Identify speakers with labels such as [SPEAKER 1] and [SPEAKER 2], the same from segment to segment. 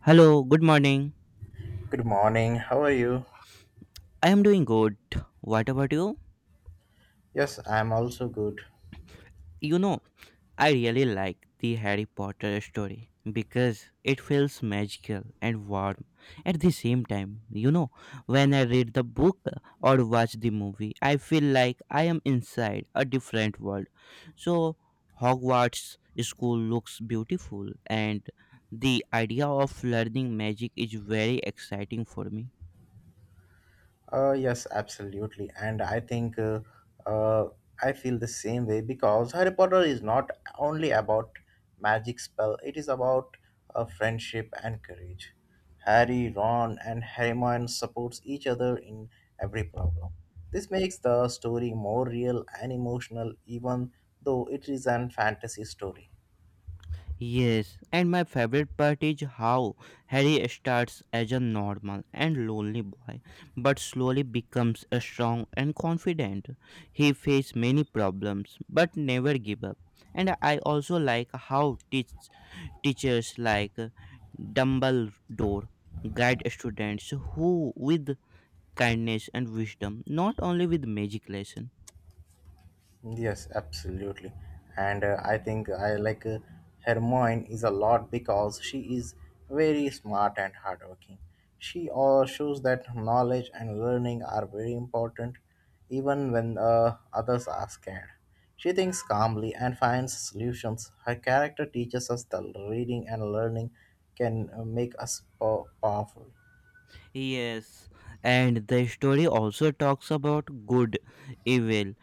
[SPEAKER 1] Hello, good morning.
[SPEAKER 2] Good morning. How are you?
[SPEAKER 1] I am doing good. What about you?
[SPEAKER 2] Yes, I'm also good.
[SPEAKER 1] You know, I really like the Harry Potter story because it feels magical and warm at the same time. You know, when I read the book or watch the movie, I feel like I am inside a different world. So, Hogwarts school looks beautiful and the idea of learning magic is very exciting for me.
[SPEAKER 2] Yes, absolutely. And I think uh, I feel the same way because Harry Potter is not only about magic spell, it is about friendship and courage. Harry, Ron, and Hermione supports each other in every problem. This makes the story more real and emotional even though it is an fantasy story.
[SPEAKER 1] Yes, and my favorite part is how Harry starts as a normal and lonely boy, but slowly becomes a strong and confident. He faces many problems, but never give up. And I also like how teachers like Dumbledore guide students who with kindness and wisdom, not only with magic lesson.
[SPEAKER 2] Yes, absolutely. And I think I like Hermione is a lot because she is very smart and hardworking. She shows that knowledge and learning are very important even when others are scared. She thinks calmly and finds solutions. Her character teaches us that reading and learning can make us powerful.
[SPEAKER 1] Yes, and the story also talks about good, evil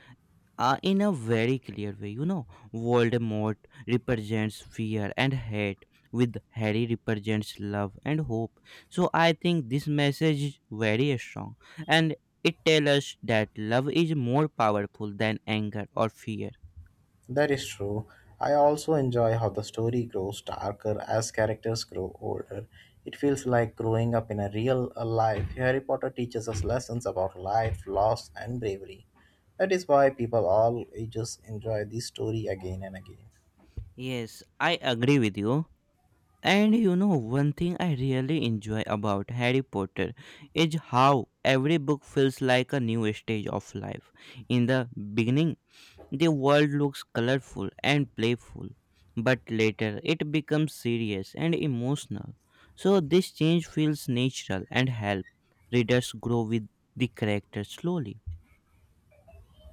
[SPEAKER 1] in a very clear way. You know, Voldemort represents fear and hate, with Harry represents love and hope. So I think this message is very strong, and it tells us that love is more powerful than anger or fear.
[SPEAKER 2] That is true. I also enjoy how the story grows darker as characters grow older. It feels like growing up in a real life. Harry Potter teaches us lessons about life, loss, and bravery. That is why people all ages enjoy this story again and again.
[SPEAKER 1] Yes, I agree with you. And you know, one thing I really enjoy about Harry Potter is how every book feels like a new stage of life. In the beginning, the world looks colorful and playful, but later it becomes serious and emotional. So this change feels natural and help readers grow with the character slowly.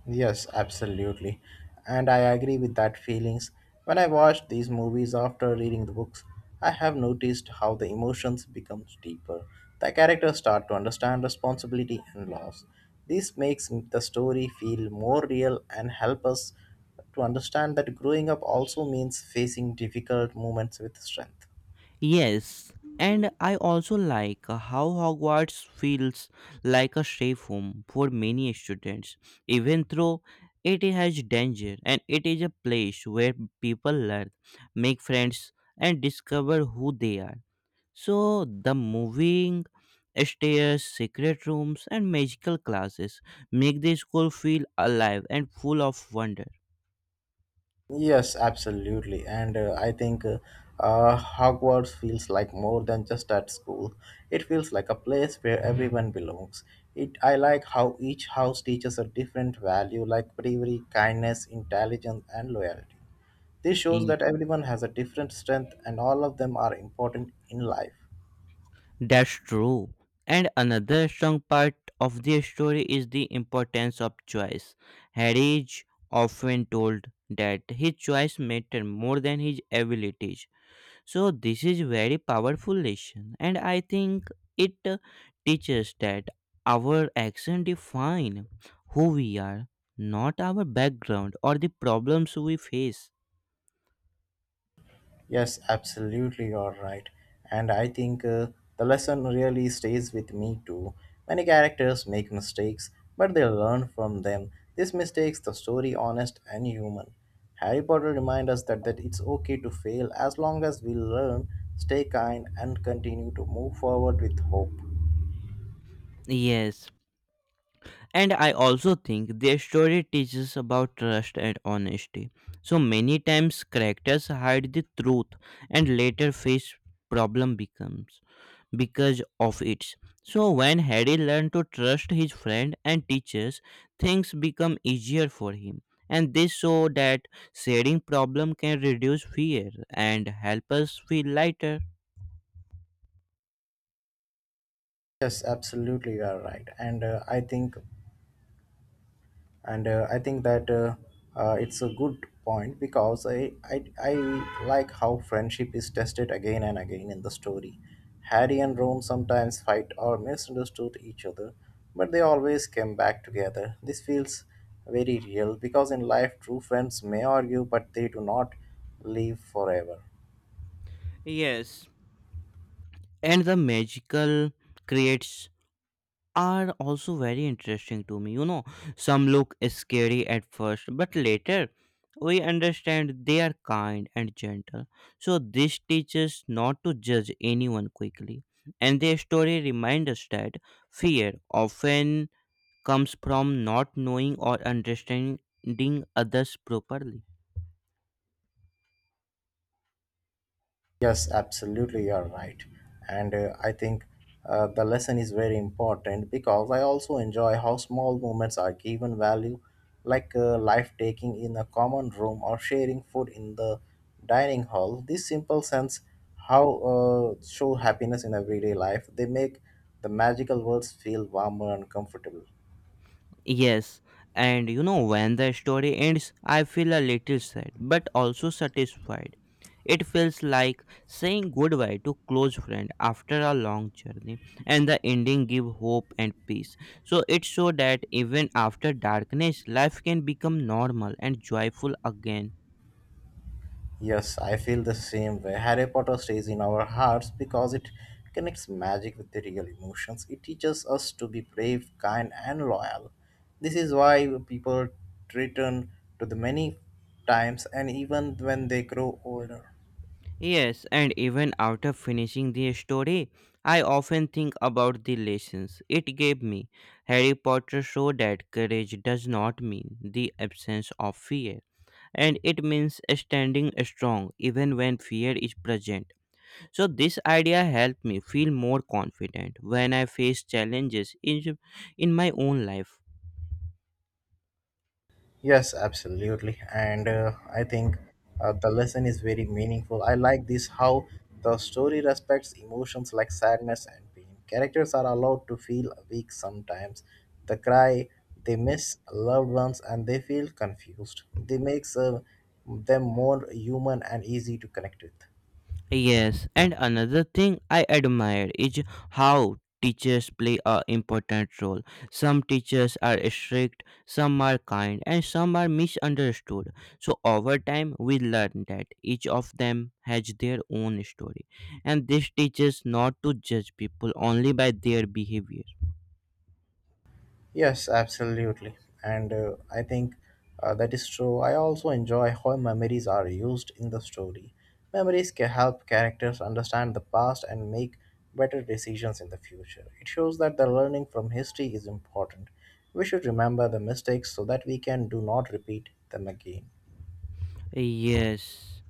[SPEAKER 2] Yes, absolutely. And I agree with that feelings. When I watch these movies after reading the books, I have noticed how the emotions become deeper. The characters start to understand responsibility and loss. This makes the story feel more real and help us to understand that growing up also means facing difficult moments with strength.
[SPEAKER 1] Yes, and I also like how Hogwarts feels like a safe home for many students, even though it has danger and it is a place where people learn, make friends, and discover who they are. So the moving stairs, secret rooms, and magical classes make the school feel alive and full of wonder.
[SPEAKER 2] Yes, absolutely. And I think Hogwarts feels like more than just at school. It feels like a place where everyone belongs. It I like how each house teaches a different value like bravery, kindness, intelligence, and loyalty. This shows
[SPEAKER 1] Ye-
[SPEAKER 2] that everyone has a different strength and all of them are important in life.
[SPEAKER 1] That's true. And another strong part of the story is the importance of choice. Harry is often told that his choice mattered more than his abilities, so this is very powerful lesson, and I think it teaches that our action define who we are, not our background or the problems we face.
[SPEAKER 2] Yes, absolutely, you're right. And I think the lesson really stays with me too. Many characters make mistakes, but they learn from them. This makes the story honest and human. Harry Potter reminds us that it's okay to fail as long as we learn, stay kind, and continue to move forward with hope.
[SPEAKER 1] Yes, and I also think their story teaches about trust and honesty. So many times characters hide the truth and later face problem becomes because of it. So when Harry learned to trust his friend and teachers, things become easier for him. And this show that sharing problem can reduce fear and help us feel lighter.
[SPEAKER 2] Yes, absolutely, you are right. And I think and I think that it's a good point because I like how friendship is tested again and again in the story. Harry and Ron sometimes fight or misunderstood each other, but they always came back together. This feels very real because in life true friends may argue but they do not live forever.
[SPEAKER 1] Yes. And the magical creates are also very interesting to me. You know, some look scary at first, but later we understand they are kind and gentle. So, this teaches not to judge anyone quickly. And their story reminds us that fear often comes from not knowing or understanding others properly.
[SPEAKER 2] Yes, absolutely, you're right. And I think the lesson is very important because I also enjoy how small moments are given value, like life taking in a common room or sharing food in the dining hall. This simple sense how show happiness in everyday life. They make the magical words feel warmer and comfortable.
[SPEAKER 1] Yes, and you know, when the story ends, I feel a little sad but also satisfied. It feels like saying goodbye to close friend after a long journey, and the ending give hope and peace. So it show that even after darkness, life can become normal and joyful again.
[SPEAKER 2] Yes, I feel the same way. Harry Potter stays in our hearts because it connects magic with the real emotions. It teaches us to be brave, kind, and loyal. This is why people return to the many times and even when they grow older.
[SPEAKER 1] Yes, and even after finishing the story, I often think about the lessons it gave me. Harry Potter showed that courage does not mean the absence of fear, and it means standing strong even when fear is present. So, this idea helped me feel more confident when I face challenges in my own life.
[SPEAKER 2] Yes, absolutely. And I think the lesson is very meaningful. I like this how the story respects emotions like sadness and pain. Characters are allowed to feel weak sometimes. They cry, they miss loved ones, and they feel confused. They makes them more human and easy to connect with.
[SPEAKER 1] Yes, and another thing I admire is how teachers play a important role. Some teachers are strict, some are kind, and some are misunderstood. So over time we learn that each of them has their own story. And this teaches not to judge people only by their behavior.
[SPEAKER 2] Yes, absolutely. And I think that is true. I also enjoy how memories are used in the story. Memories can help characters understand the past and make better decisions in the future. It shows that the learning from history is important. We should remember the mistakes so that we can do not repeat them again.
[SPEAKER 1] Yes.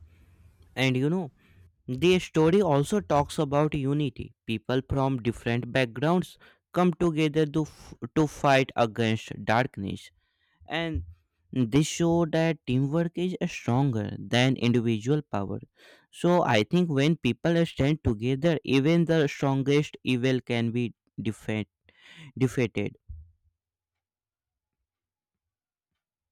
[SPEAKER 1] And you know, the story also talks about unity. People from different backgrounds come together to fight against darkness. And this show that teamwork is stronger than individual power. So I think when people stand together, even the strongest evil can be defeat, defeated.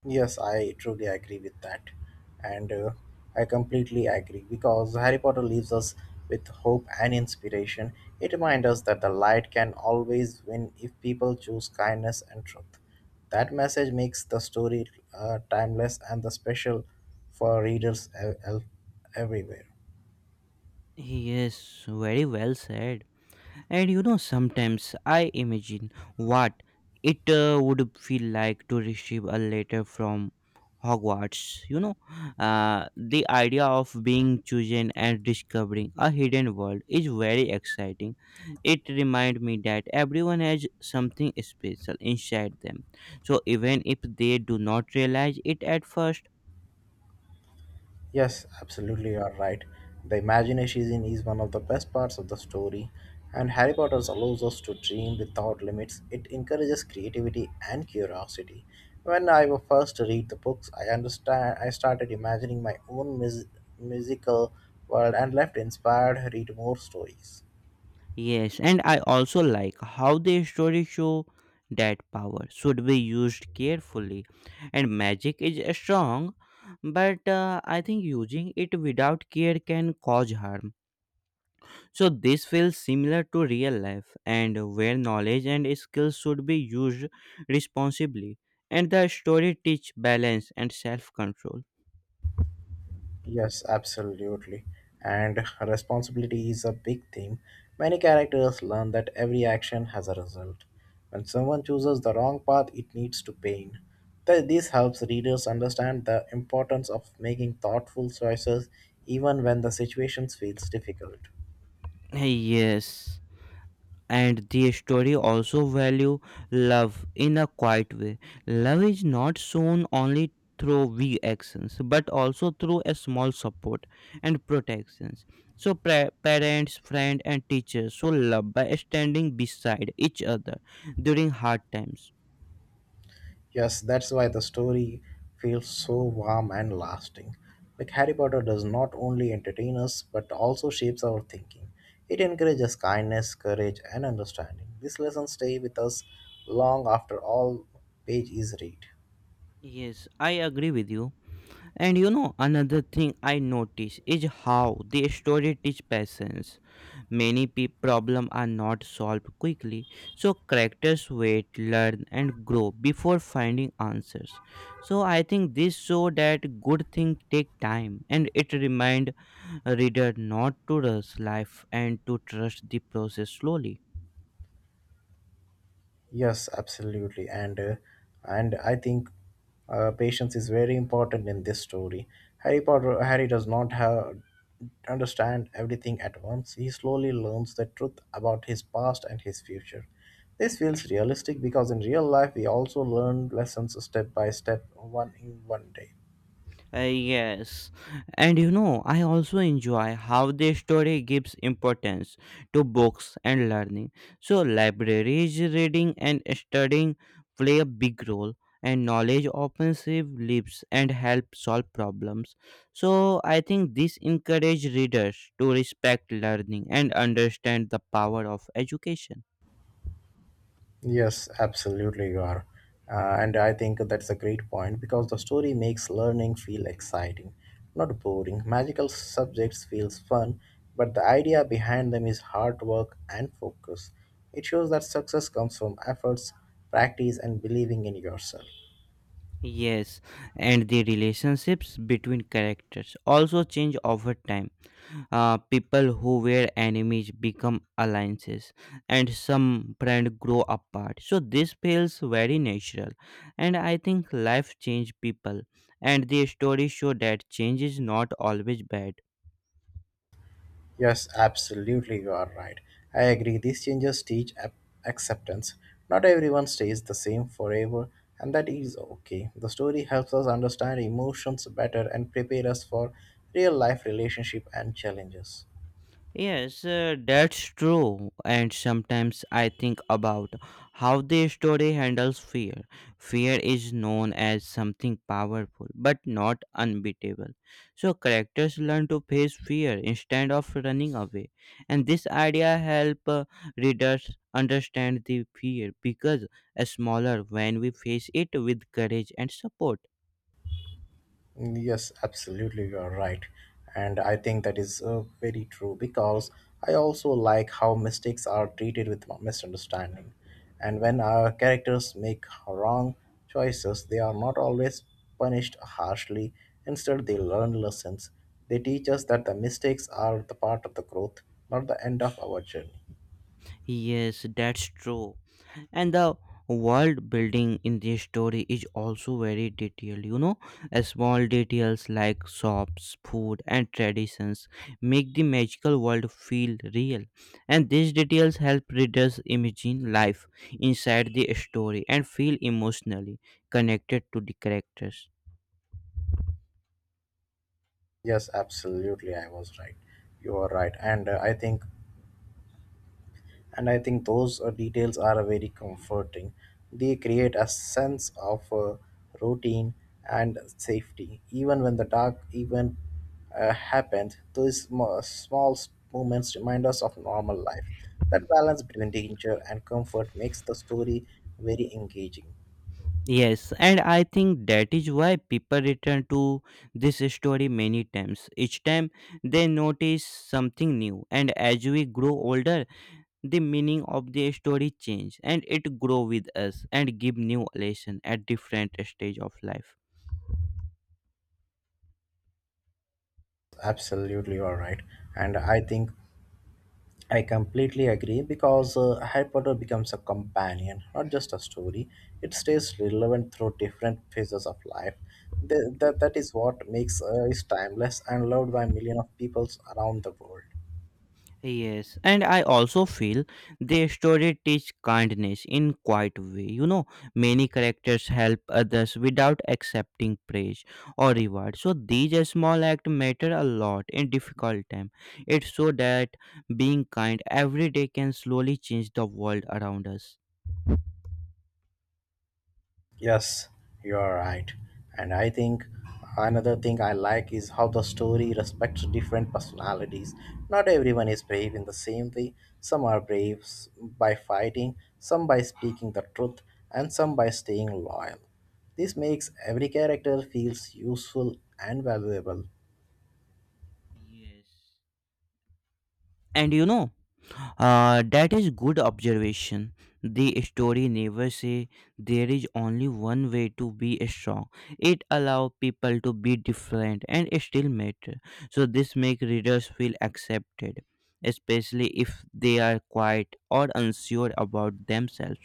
[SPEAKER 2] Yes, I truly agree with that. And I completely agree because Harry Potter leaves us with hope and inspiration. It reminds us that the light can always win if people choose kindness and truth. That message makes the story timeless and the special for readers everywhere.
[SPEAKER 1] Yes, very well said. And you know, sometimes I imagine what it would feel like to receive a letter from Hogwarts. You know, the idea of being chosen and discovering a hidden world is very exciting. It reminds me that everyone has something special inside them. So, even if they do not realize it at first.
[SPEAKER 2] Yes, absolutely, you are right. The imagination is one of the best parts of the story, and Harry Potter allows us to dream without limits. It encourages creativity and curiosity. When I first read the books, I understand. I started imagining my own musical world and left inspired to read more stories.
[SPEAKER 1] Yes, and I also like how the story show that power should be used carefully, and magic is strong, but I think using it without care can cause harm. So this feels similar to real life, and where knowledge and skills should be used responsibly, and the story teach balance and self control.
[SPEAKER 2] Yes, absolutely. And responsibility is a big theme. Many characters learn that every action has a result. When someone chooses the wrong path, it leads to pain. This helps readers understand the importance of making thoughtful choices even when the situation feels difficult.
[SPEAKER 1] Yes. And the story also value love in a quiet way. Love is not shown only through big actions but also through a small support and protections. So parents friends and teachers show love by standing beside each other during hard times.
[SPEAKER 2] Yes, that's why the story feels so warm and lasting. Like Harry Potter does not only entertain us but also shapes our thinking. It encourages kindness, courage, and understanding. These lessons stay with us long after all page is read.
[SPEAKER 1] Yes, I agree with you. And you know, another thing I notice is how the story teach patience. Many problems are not solved quickly, so characters wait, learn, and grow before finding answers. So I think this show that good things take time, and it remind reader not to rush life and to trust the process slowly.
[SPEAKER 2] Yes, absolutely, and I think patience is very important in this story. Harry does not have understand everything at once. He slowly learns the truth about his past and his future. This feels realistic because in real life we also learn lessons step by step, one in one day.
[SPEAKER 1] Yes, and you know, I also enjoy how the story gives importance to books and learning. So, libraries, reading, and studying play a big role, and knowledge often saves lives and help solve problems. So, I think this encourages readers to respect learning and understand the power of education.
[SPEAKER 2] Yes, absolutely, you are. And I think that's a great point because the story makes learning feel exciting, not boring. Magical subjects feels fun, but the idea behind them is hard work and focus. It shows that success comes from efforts, practice, and believing in yourself.
[SPEAKER 1] Yes, and the relationships between characters also change over time. People who were enemies become alliances, and some friends grow apart. So this feels very natural, and I think life changes people, and the story show that change is not always bad.
[SPEAKER 2] Yes, absolutely, you are right. I agree, these changes teach acceptance. Not everyone stays the same forever, and that is okay. The story helps us understand emotions better and prepare us for real life relationship and challenges.
[SPEAKER 1] Yes, that's true. And sometimes I think about how the story handles fear. Fear is known as something powerful, but not unbeatable. So characters learn to face fear instead of running away. And this idea helps readers understand the fear because smaller when we face it with courage and support.
[SPEAKER 2] Yes, absolutely, you are right. And I think that is very true because I also like how mistakes are treated with misunderstanding. And when our characters make wrong choices, they are not always punished harshly. Instead, they learn lessons. They teach us that the mistakes are the part of the growth, not the end of our journey.
[SPEAKER 1] Yes, that's true. And the world building in this story is also very detailed, you know. Small details like shops food and traditions make the magical world feel real, and these details help readers imagine life inside the story and feel emotionally connected to the characters.
[SPEAKER 2] Yes, absolutely, I was right. You are right. And I think those details are very comforting. They create a sense of routine and safety even when the dark event happened. Those small moments remind us of normal life. That balance between danger and comfort makes the story very engaging.
[SPEAKER 1] Yes, and I think that is why people return to this story many times. Each time they notice something new, and as we grow older the meaning of the story change and it grow with us and give new lesson at different stage of life.
[SPEAKER 2] Absolutely, you're right. and I think I completely agree because Harry Potter becomes a companion, not just a story. It stays relevant through different phases of life. That is what makes it timeless and loved by millions of peoples around the world.
[SPEAKER 1] Yes, and I also feel the story teach kindness in quiet way. You know, many characters help others without accepting praise or reward. So these small acts matter a lot in difficult time. It so that being kind every day can slowly change the world around us.
[SPEAKER 2] Yes, you are right. And I think another thing I like is how the story respects different personalities. Not everyone is brave in the same way. Some are brave by fighting, some by speaking the truth, and some by staying loyal. This makes every character feels useful and valuable.
[SPEAKER 1] Yes. And you know, that is good observation. The story never say there is only one way to be strong. It allow people to be different and still matter. So this make readers feel accepted, especially if they are quiet or unsure about themselves.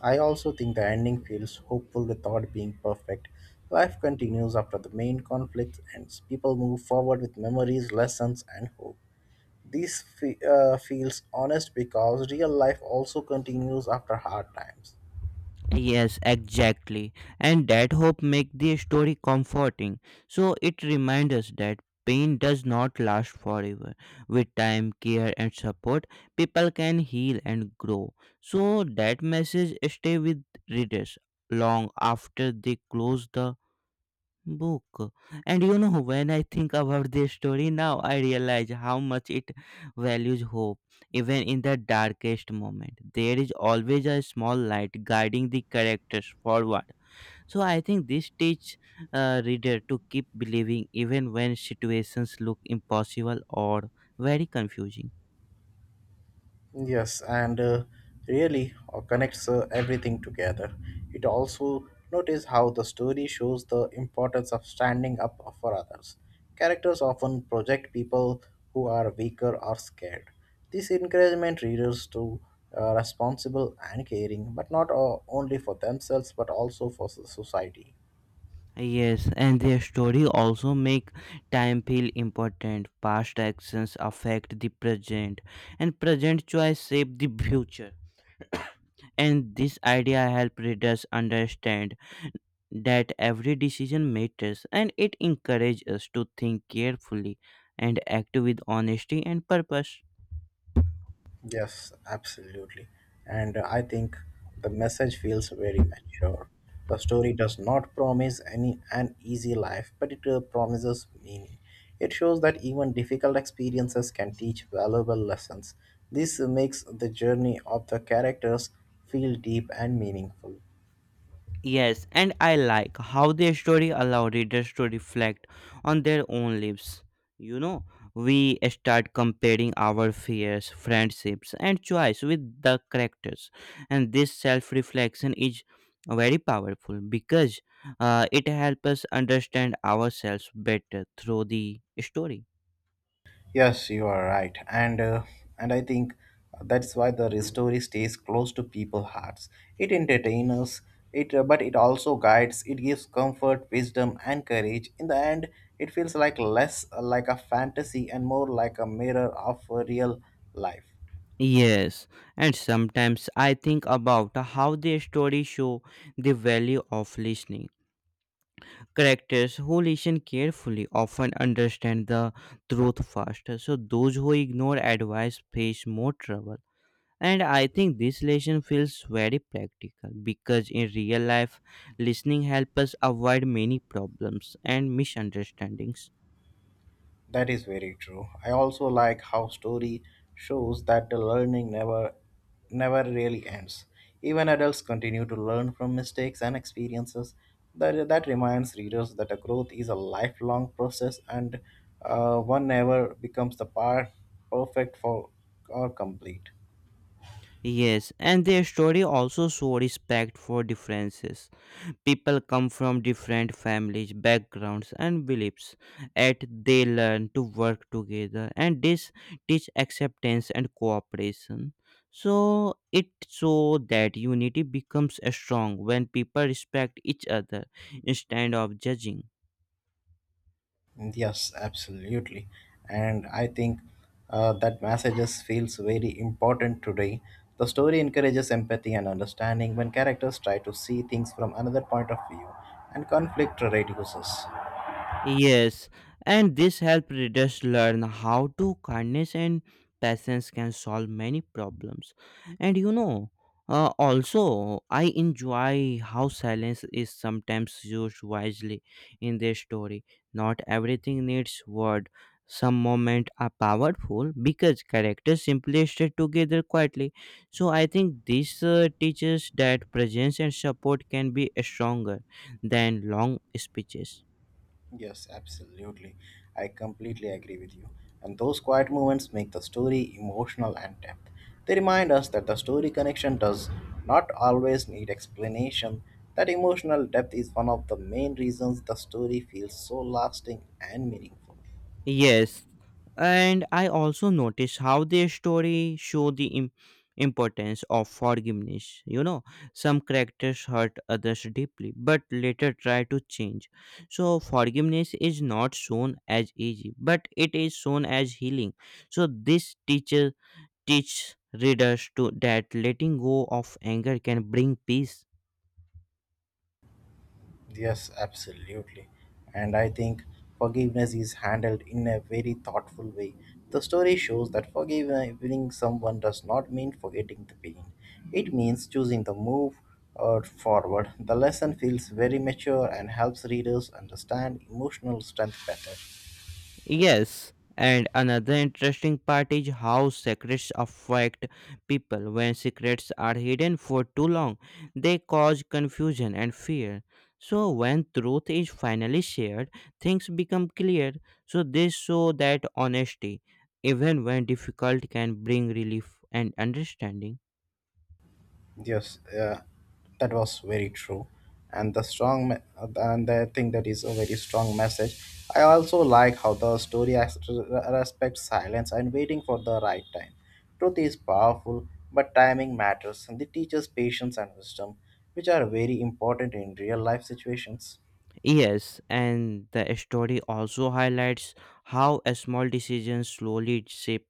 [SPEAKER 2] I also think the ending feels hopeful without being perfect. Life continues after the main conflict ends. People move forward with memories, lessons, and hope. This feels honest because real life also continues after hard times.
[SPEAKER 1] Yes, exactly. And that hope make the story comforting. So it reminds us that pain does not last forever. With time, care and support, people can heal and grow. So that message stay with readers long after they close the book. And you know, when I think about this story now, I realize how much it values hope. Even in the darkest moment there is always a small light guiding the characters forward, so I think this teach reader to keep believing even when situations look impossible or very confusing.
[SPEAKER 2] Yes, and really connects everything together. It also notice how the story shows the importance of standing up for others. Characters often project people who are weaker or scared. This encouragement readers to responsible and caring, but not only for themselves but also for society.
[SPEAKER 1] Yes, and their story also make time feel important. Past actions affect the present and present choice shape the future, and this idea helps readers understand that every decision matters, and it encourages us to think carefully and act with honesty and purpose.
[SPEAKER 2] Yes, absolutely. And I think the message feels very mature. The story does not promise any an easy life, but it promises meaning. It shows that even difficult experiences can teach valuable lessons. This makes the journey of the characters feel deep and meaningful.
[SPEAKER 1] Yes, and I like how their story allow readers to reflect on their own lives. You know, we start comparing our fears, friendships, and choice with the characters, and this self-reflection is very powerful because it helps us understand ourselves better through the story.
[SPEAKER 2] Yes, you are right, and I think that's why the story stays close to people's hearts. It entertains us, it but it also guides. It gives comfort, wisdom, and courage. In the end, it feels like less like a fantasy and more like a mirror of real life.
[SPEAKER 1] Yes, and sometimes I think about how the story show the value of listening. Characters who listen carefully often understand the truth faster. So those who ignore advice face more trouble. And I think this lesson feels very practical because in real life, listening helps us avoid many problems and misunderstandings.
[SPEAKER 2] That is very true. I also like how story shows that the learning never really ends. Even adults continue to learn from mistakes and experiences. That reminds readers that a growth is a lifelong process and one never becomes the part perfect for or complete.
[SPEAKER 1] Yes, and their story also show respect for differences. People come from different families, backgrounds, and beliefs, yet they learn to work together, and this teach acceptance and cooperation. So it so that unity becomes strong when people respect each other instead of judging.
[SPEAKER 2] Yes, absolutely. And I think that messages feels very important today. The story encourages empathy and understanding when characters try to see things from another point of view, and conflict reduces.
[SPEAKER 1] Yes, and this helped readers learn how to kindness and patience can solve many problems. And you know, also, I enjoy how silence is sometimes used wisely in their story. Not everything needs word. Some moments are powerful because characters simply stay together quietly. So I think this teaches that presence and support can be stronger than long speeches.
[SPEAKER 2] Yes, absolutely. I completely agree with you. And those quiet moments make the story emotional and depth. They remind us that the story connection does not always need explanation. That emotional depth is one of the main reasons the story feels so lasting and meaningful.
[SPEAKER 1] Yes, and I also notice how their story show the importance of forgiveness, you know, some characters hurt others deeply but later try to change, so forgiveness is not shown as easy but it is shown as healing. So this teacher teaches readers to that letting go of anger can bring peace.
[SPEAKER 2] Yes, absolutely. And I think forgiveness is handled in a very thoughtful way. The story shows that forgiving someone does not mean forgetting the pain, it means choosing the move or forward. The lesson feels very mature and helps readers understand emotional strength better.
[SPEAKER 1] Yes, and another interesting part is how secrets affect people. When secrets are hidden for too long, they cause confusion and fear. So, when truth is finally shared, things become clear. So, this show that honesty, even when difficult, can bring relief and understanding.
[SPEAKER 2] Yes, that was very true, and the strong me- and I think that is a very strong message. I also like how the story respects silence and waiting for the right time. Truth is powerful, but timing matters, and it teaches patience and wisdom, which are very important in real life situations.
[SPEAKER 1] Yes, and the story also highlights how a small decisions slowly shape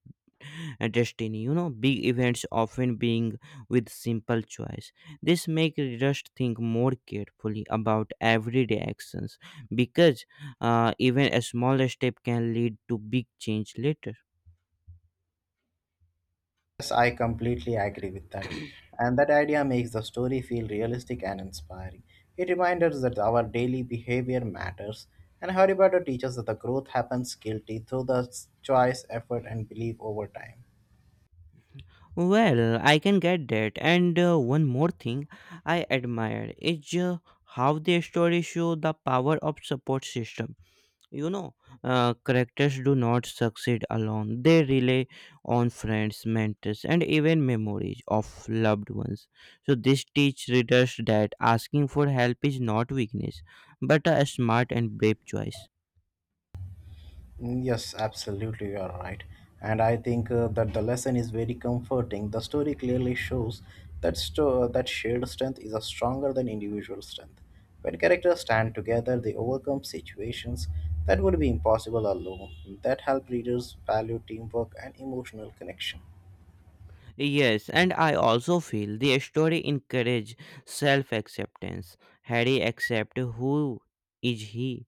[SPEAKER 1] a destiny. You know, big events often being with simple choice. This makes us think more carefully about everyday actions because even a small step can lead to big change later.
[SPEAKER 2] Yes, I completely agree with that. And that idea makes the story feel realistic and inspiring. It reminds us that our daily behavior matters, and Harry Potter teaches that the growth happens guilty through the choice, effort, and belief over time.
[SPEAKER 1] Well, I can get that. And one more thing I admire is how the story show the power of support system. You know, characters do not succeed alone. They rely on friends, mentors, and even memories of loved ones. So, this teach readers that asking for help is not weakness, but a smart and brave choice.
[SPEAKER 2] Mm, yes, absolutely, you are right. And I think that the lesson is very comforting. The story clearly shows that shared strength is a stronger than individual strength. When characters stand together, they overcome situations that would be impossible alone. That help readers value teamwork and emotional connection.
[SPEAKER 1] Yes, and I also feel the story encourage self-acceptance. Harry accept who is he,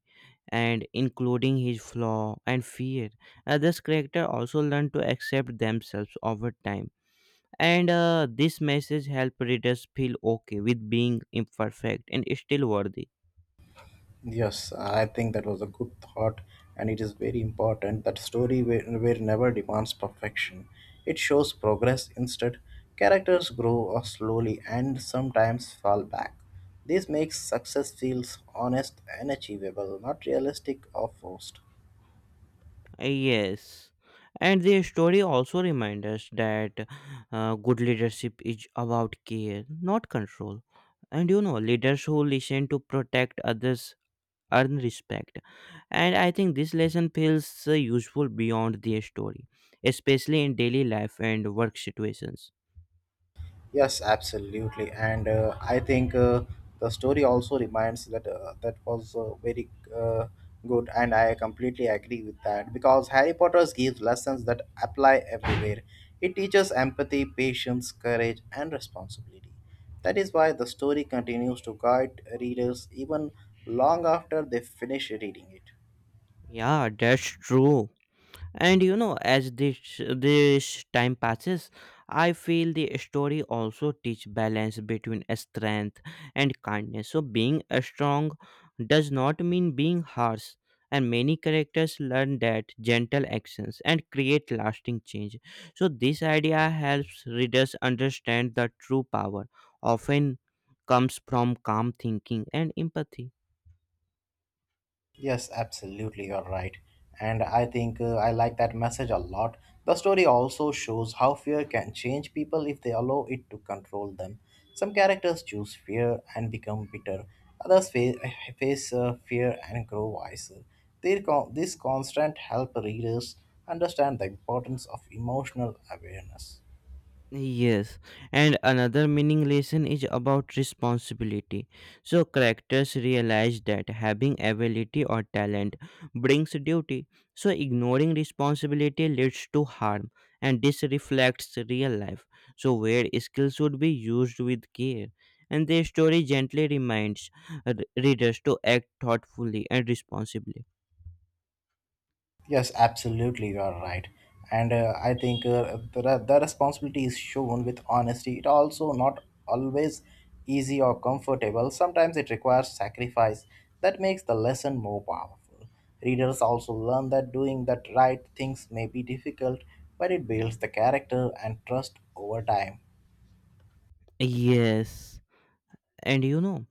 [SPEAKER 1] and including his flaw and fear. Others' character also learn to accept themselves over time. And this message helped readers feel okay with being imperfect and still worthy.
[SPEAKER 2] Yes, I think that was a good thought, and it is very important that story where never demands perfection. It shows progress instead. Characters grow or slowly and sometimes fall back. This makes success feels honest and achievable, not realistic or forced.
[SPEAKER 1] Yes. And the story also reminds us that good leadership is about care, not control. And you know, leaders who listen to protect others earn respect. And I think this lesson feels useful beyond the story, especially in daily life and work situations.
[SPEAKER 2] Yes, absolutely, and I think the story also reminds that that was very good, and I completely agree with that because Harry Potter gives lessons that apply everywhere. It teaches empathy, patience, courage, and responsibility. That is why the story continues to guide readers even long after they finish reading it.
[SPEAKER 1] Yeah, that's true. And you know, as this time passes, I feel the story also teach balance between strength and kindness. So being a strong does not mean being harsh, and many characters learn that gentle actions and create lasting change. So this idea helps readers understand the true power often comes from calm thinking and empathy.
[SPEAKER 2] Yes, absolutely, you're right. And I think I like that message a lot. The story also shows how fear can change people if they allow it to control them. Some characters choose fear and become bitter, others face fear and grow wiser. This constant help readers understand the importance of emotional awareness.
[SPEAKER 1] Yes, and another meaning lesson is about responsibility. So characters realize that having ability or talent brings duty. So ignoring responsibility leads to harm, and this reflects real life. So where skills should be used with care, and the story gently reminds readers to act thoughtfully and responsibly.
[SPEAKER 2] Yes, absolutely, you are right. And I think the responsibility is shown with honesty. It also not always easy or comfortable. Sometimes it requires sacrifice. That makes the lesson more powerful. Readers also learn that doing that right things may be difficult, but it builds the character and trust over time.
[SPEAKER 1] Yes, and you know.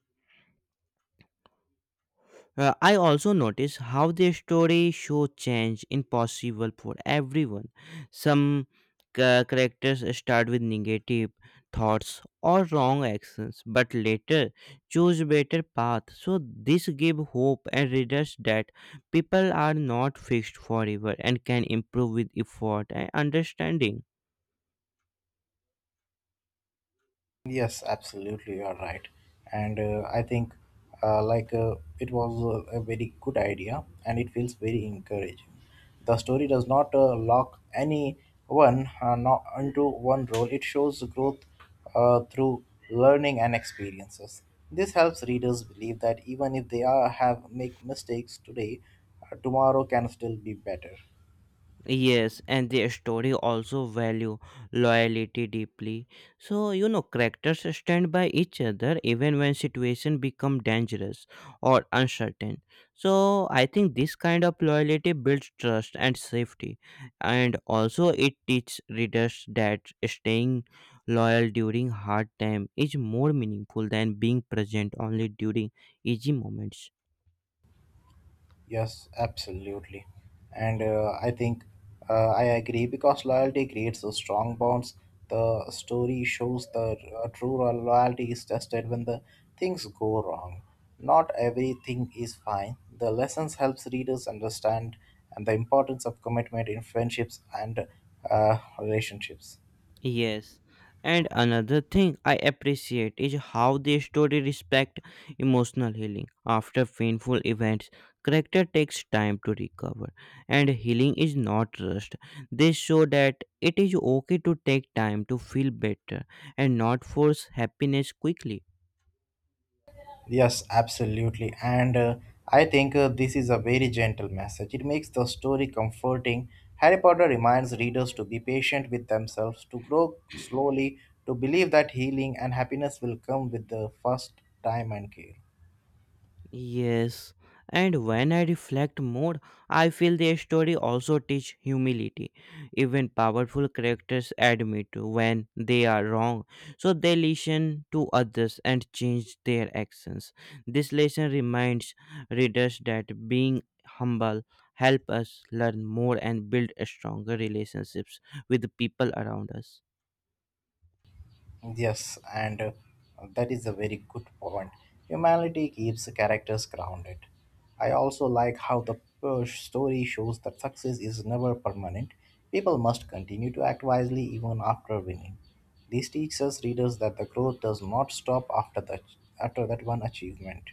[SPEAKER 1] I also notice how their story show change impossible for everyone. Some characters start with negative thoughts or wrong actions, but later choose better path. So this give hope and readers that people are not fixed forever and can improve with effort and understanding.
[SPEAKER 2] Yes, absolutely, you are right. And I think it was a very good idea and it feels very encouraging. The story does not lock anyone not into one role. It shows growth through learning and experiences. This helps readers believe that even if they are have make mistakes today, tomorrow can still be better.
[SPEAKER 1] Yes, and their story also value loyalty deeply. So you know characters stand by each other even when situation become dangerous or uncertain. So I think this kind of loyalty builds trust and safety, and also it teaches readers that staying loyal during hard time is more meaningful than being present only during easy moments.
[SPEAKER 2] Yes, absolutely. And I think I agree because loyalty creates those strong bonds. The story shows that true loyalty is tested when the things go wrong. Not everything is fine. The lessons helps readers understand and the importance of commitment in friendships and relationships.
[SPEAKER 1] Yes. And another thing I appreciate is how the story respect emotional healing. After painful events, character takes time to recover and healing is not rushed. They show that it is okay to take time to feel better and not force happiness quickly.
[SPEAKER 2] Yes, absolutely. And I think this is a very gentle message. It makes the story comforting. Harry Potter reminds readers to be patient with themselves, to grow slowly, to believe that healing and happiness will come with the first time and care.
[SPEAKER 1] Yes, and when I reflect more, I feel the story also teach humility. Even powerful characters admit when they are wrong, so they listen to others and change their actions. This lesson reminds readers that being humble help us learn more and build stronger relationships with the people around us.
[SPEAKER 2] Yes, and that is a very good point. Humanity keeps characters grounded. I also like how the story shows that success is never permanent. People must continue to act wisely even after winning. This teaches readers that the growth does not stop after that one achievement.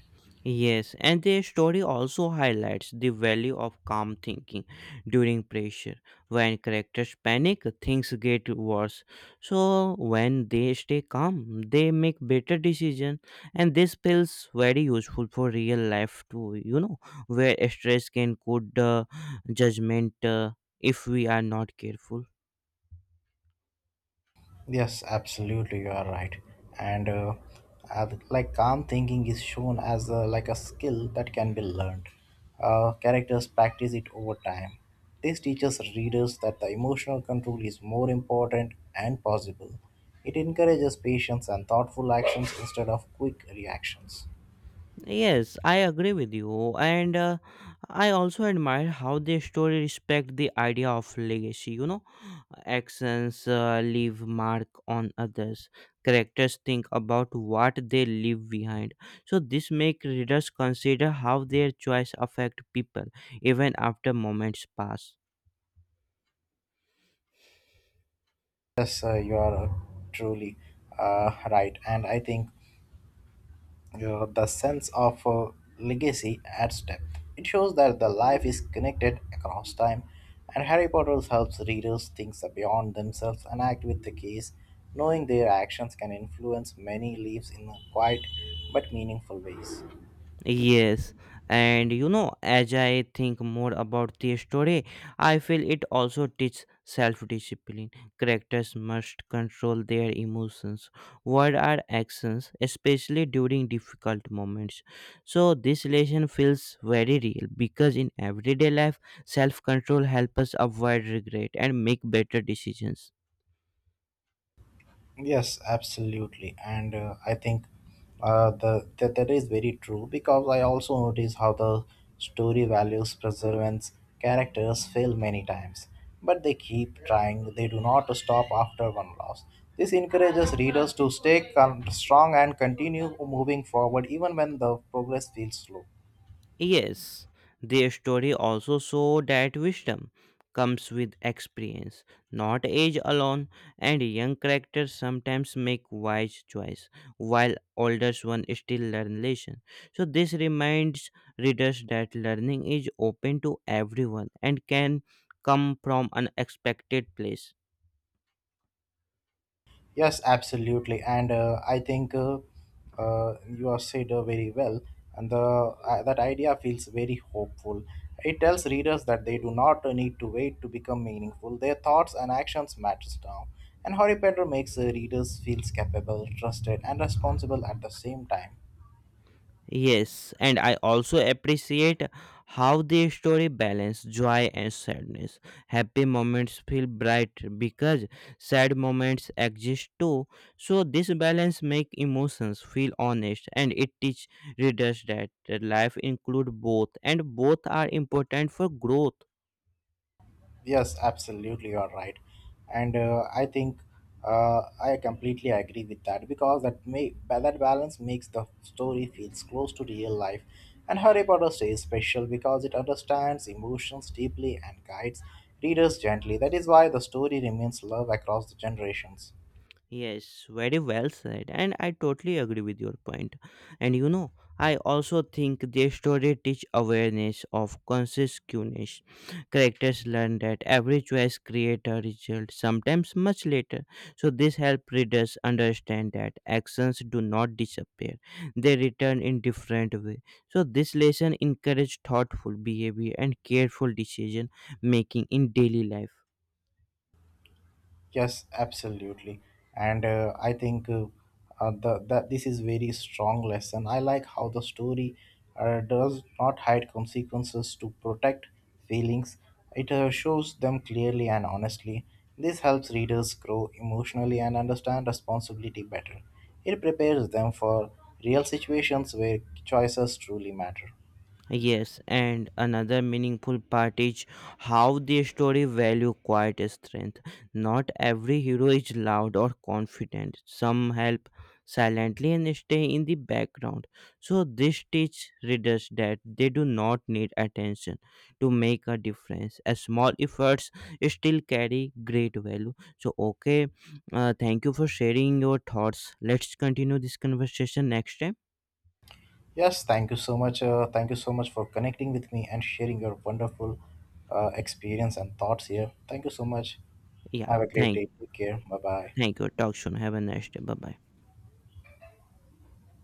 [SPEAKER 1] Yes, and the story also highlights the value of calm thinking during pressure. When characters panic, things get worse. So when they stay calm, they make better decisions, and this feels very useful for real life too. You know, where stress can cloud the judgment if we are not careful.
[SPEAKER 2] Yes, absolutely, you are right. And like calm thinking is shown as like a skill that can be learned. Characters practice it over time. This teaches readers that the emotional control is more important and possible. It encourages patience and thoughtful actions instead of quick reactions.
[SPEAKER 1] Yes, I agree with you, and I also admire how they story respect the idea of legacy. You know, actions leave mark on others. Characters think about what they leave behind, so this make readers consider how their choice affect people even after moments pass.
[SPEAKER 2] Yes, you are truly right, and I think the sense of legacy adds depth. It shows that the life is connected across time, and Harry Potter helps readers think beyond themselves and act with the case, knowing their actions can influence many lives in quiet but meaningful ways.
[SPEAKER 1] Yes, and you know, as I think more about the story, I feel it also teaches self discipline. Characters must control their emotions, words, or actions, especially during difficult moments. So, this lesson feels very real because in everyday life, self control helps us avoid regret and make better decisions.
[SPEAKER 2] Yes, absolutely, and I think that is very true because I also notice how the story values preservance characters fail many times, but they keep trying. They do not stop after one loss. This encourages readers to stay strong and continue moving forward even when the progress feels slow.
[SPEAKER 1] Yes, their story also show that wisdom comes with experience, not age alone, and young characters sometimes make wise choice, while older ones still learn lesson. So this reminds readers that learning is open to everyone and can come from unexpected place.
[SPEAKER 2] Yes, absolutely, and I think you have said very well, and the that idea feels very hopeful. It tells readers that they do not need to wait to become meaningful. Their thoughts and actions matters now, and Harry Potter makes readers feel capable, trusted, and responsible at the same time.
[SPEAKER 1] Yes, and I also appreciate how the story balance joy and sadness. Happy moments feel bright because sad moments exist too. So this balance make emotions feel honest and it teach readers that life include both and both are important for growth.
[SPEAKER 2] Yes, absolutely, you are right, and I think I completely agree with that because that balance makes the story feels close to real life, and Harry Potter stays special because it understands emotions deeply and guides readers gently. That is why the story remains love across the generations.
[SPEAKER 1] Yes, very well said. And I totally agree with your point. And you know, I also think the story teach awareness of consciousness. Characters learn that every choice create a result, sometimes much later. So this help readers understand that actions do not disappear. They return in different way. So this lesson encourage thoughtful behavior and careful decision making in daily life.
[SPEAKER 2] Yes, absolutely. And I think that this is very strong lesson. I like how the story does not hide consequences to protect feelings. It shows them clearly and honestly. This helps readers grow emotionally and understand responsibility better. It prepares them for real situations where choices truly matter.
[SPEAKER 1] Yes, and another meaningful part is how the story value quiet strength. Not every hero is loud or confident. Some help silently and stay in the background. So this teaches readers that they do not need attention to make a difference. A small efforts still carry great value. So okay, thank you for sharing your thoughts. Let's continue this conversation next time.
[SPEAKER 2] Yes, thank you so much. Thank you so much for connecting with me and sharing your wonderful experience and thoughts here. Thank you so much.
[SPEAKER 1] Yeah,
[SPEAKER 2] Have a great
[SPEAKER 1] thank,
[SPEAKER 2] day. Take care. Bye bye.
[SPEAKER 1] thank you. Talk soon. Have a nice day. Bye bye.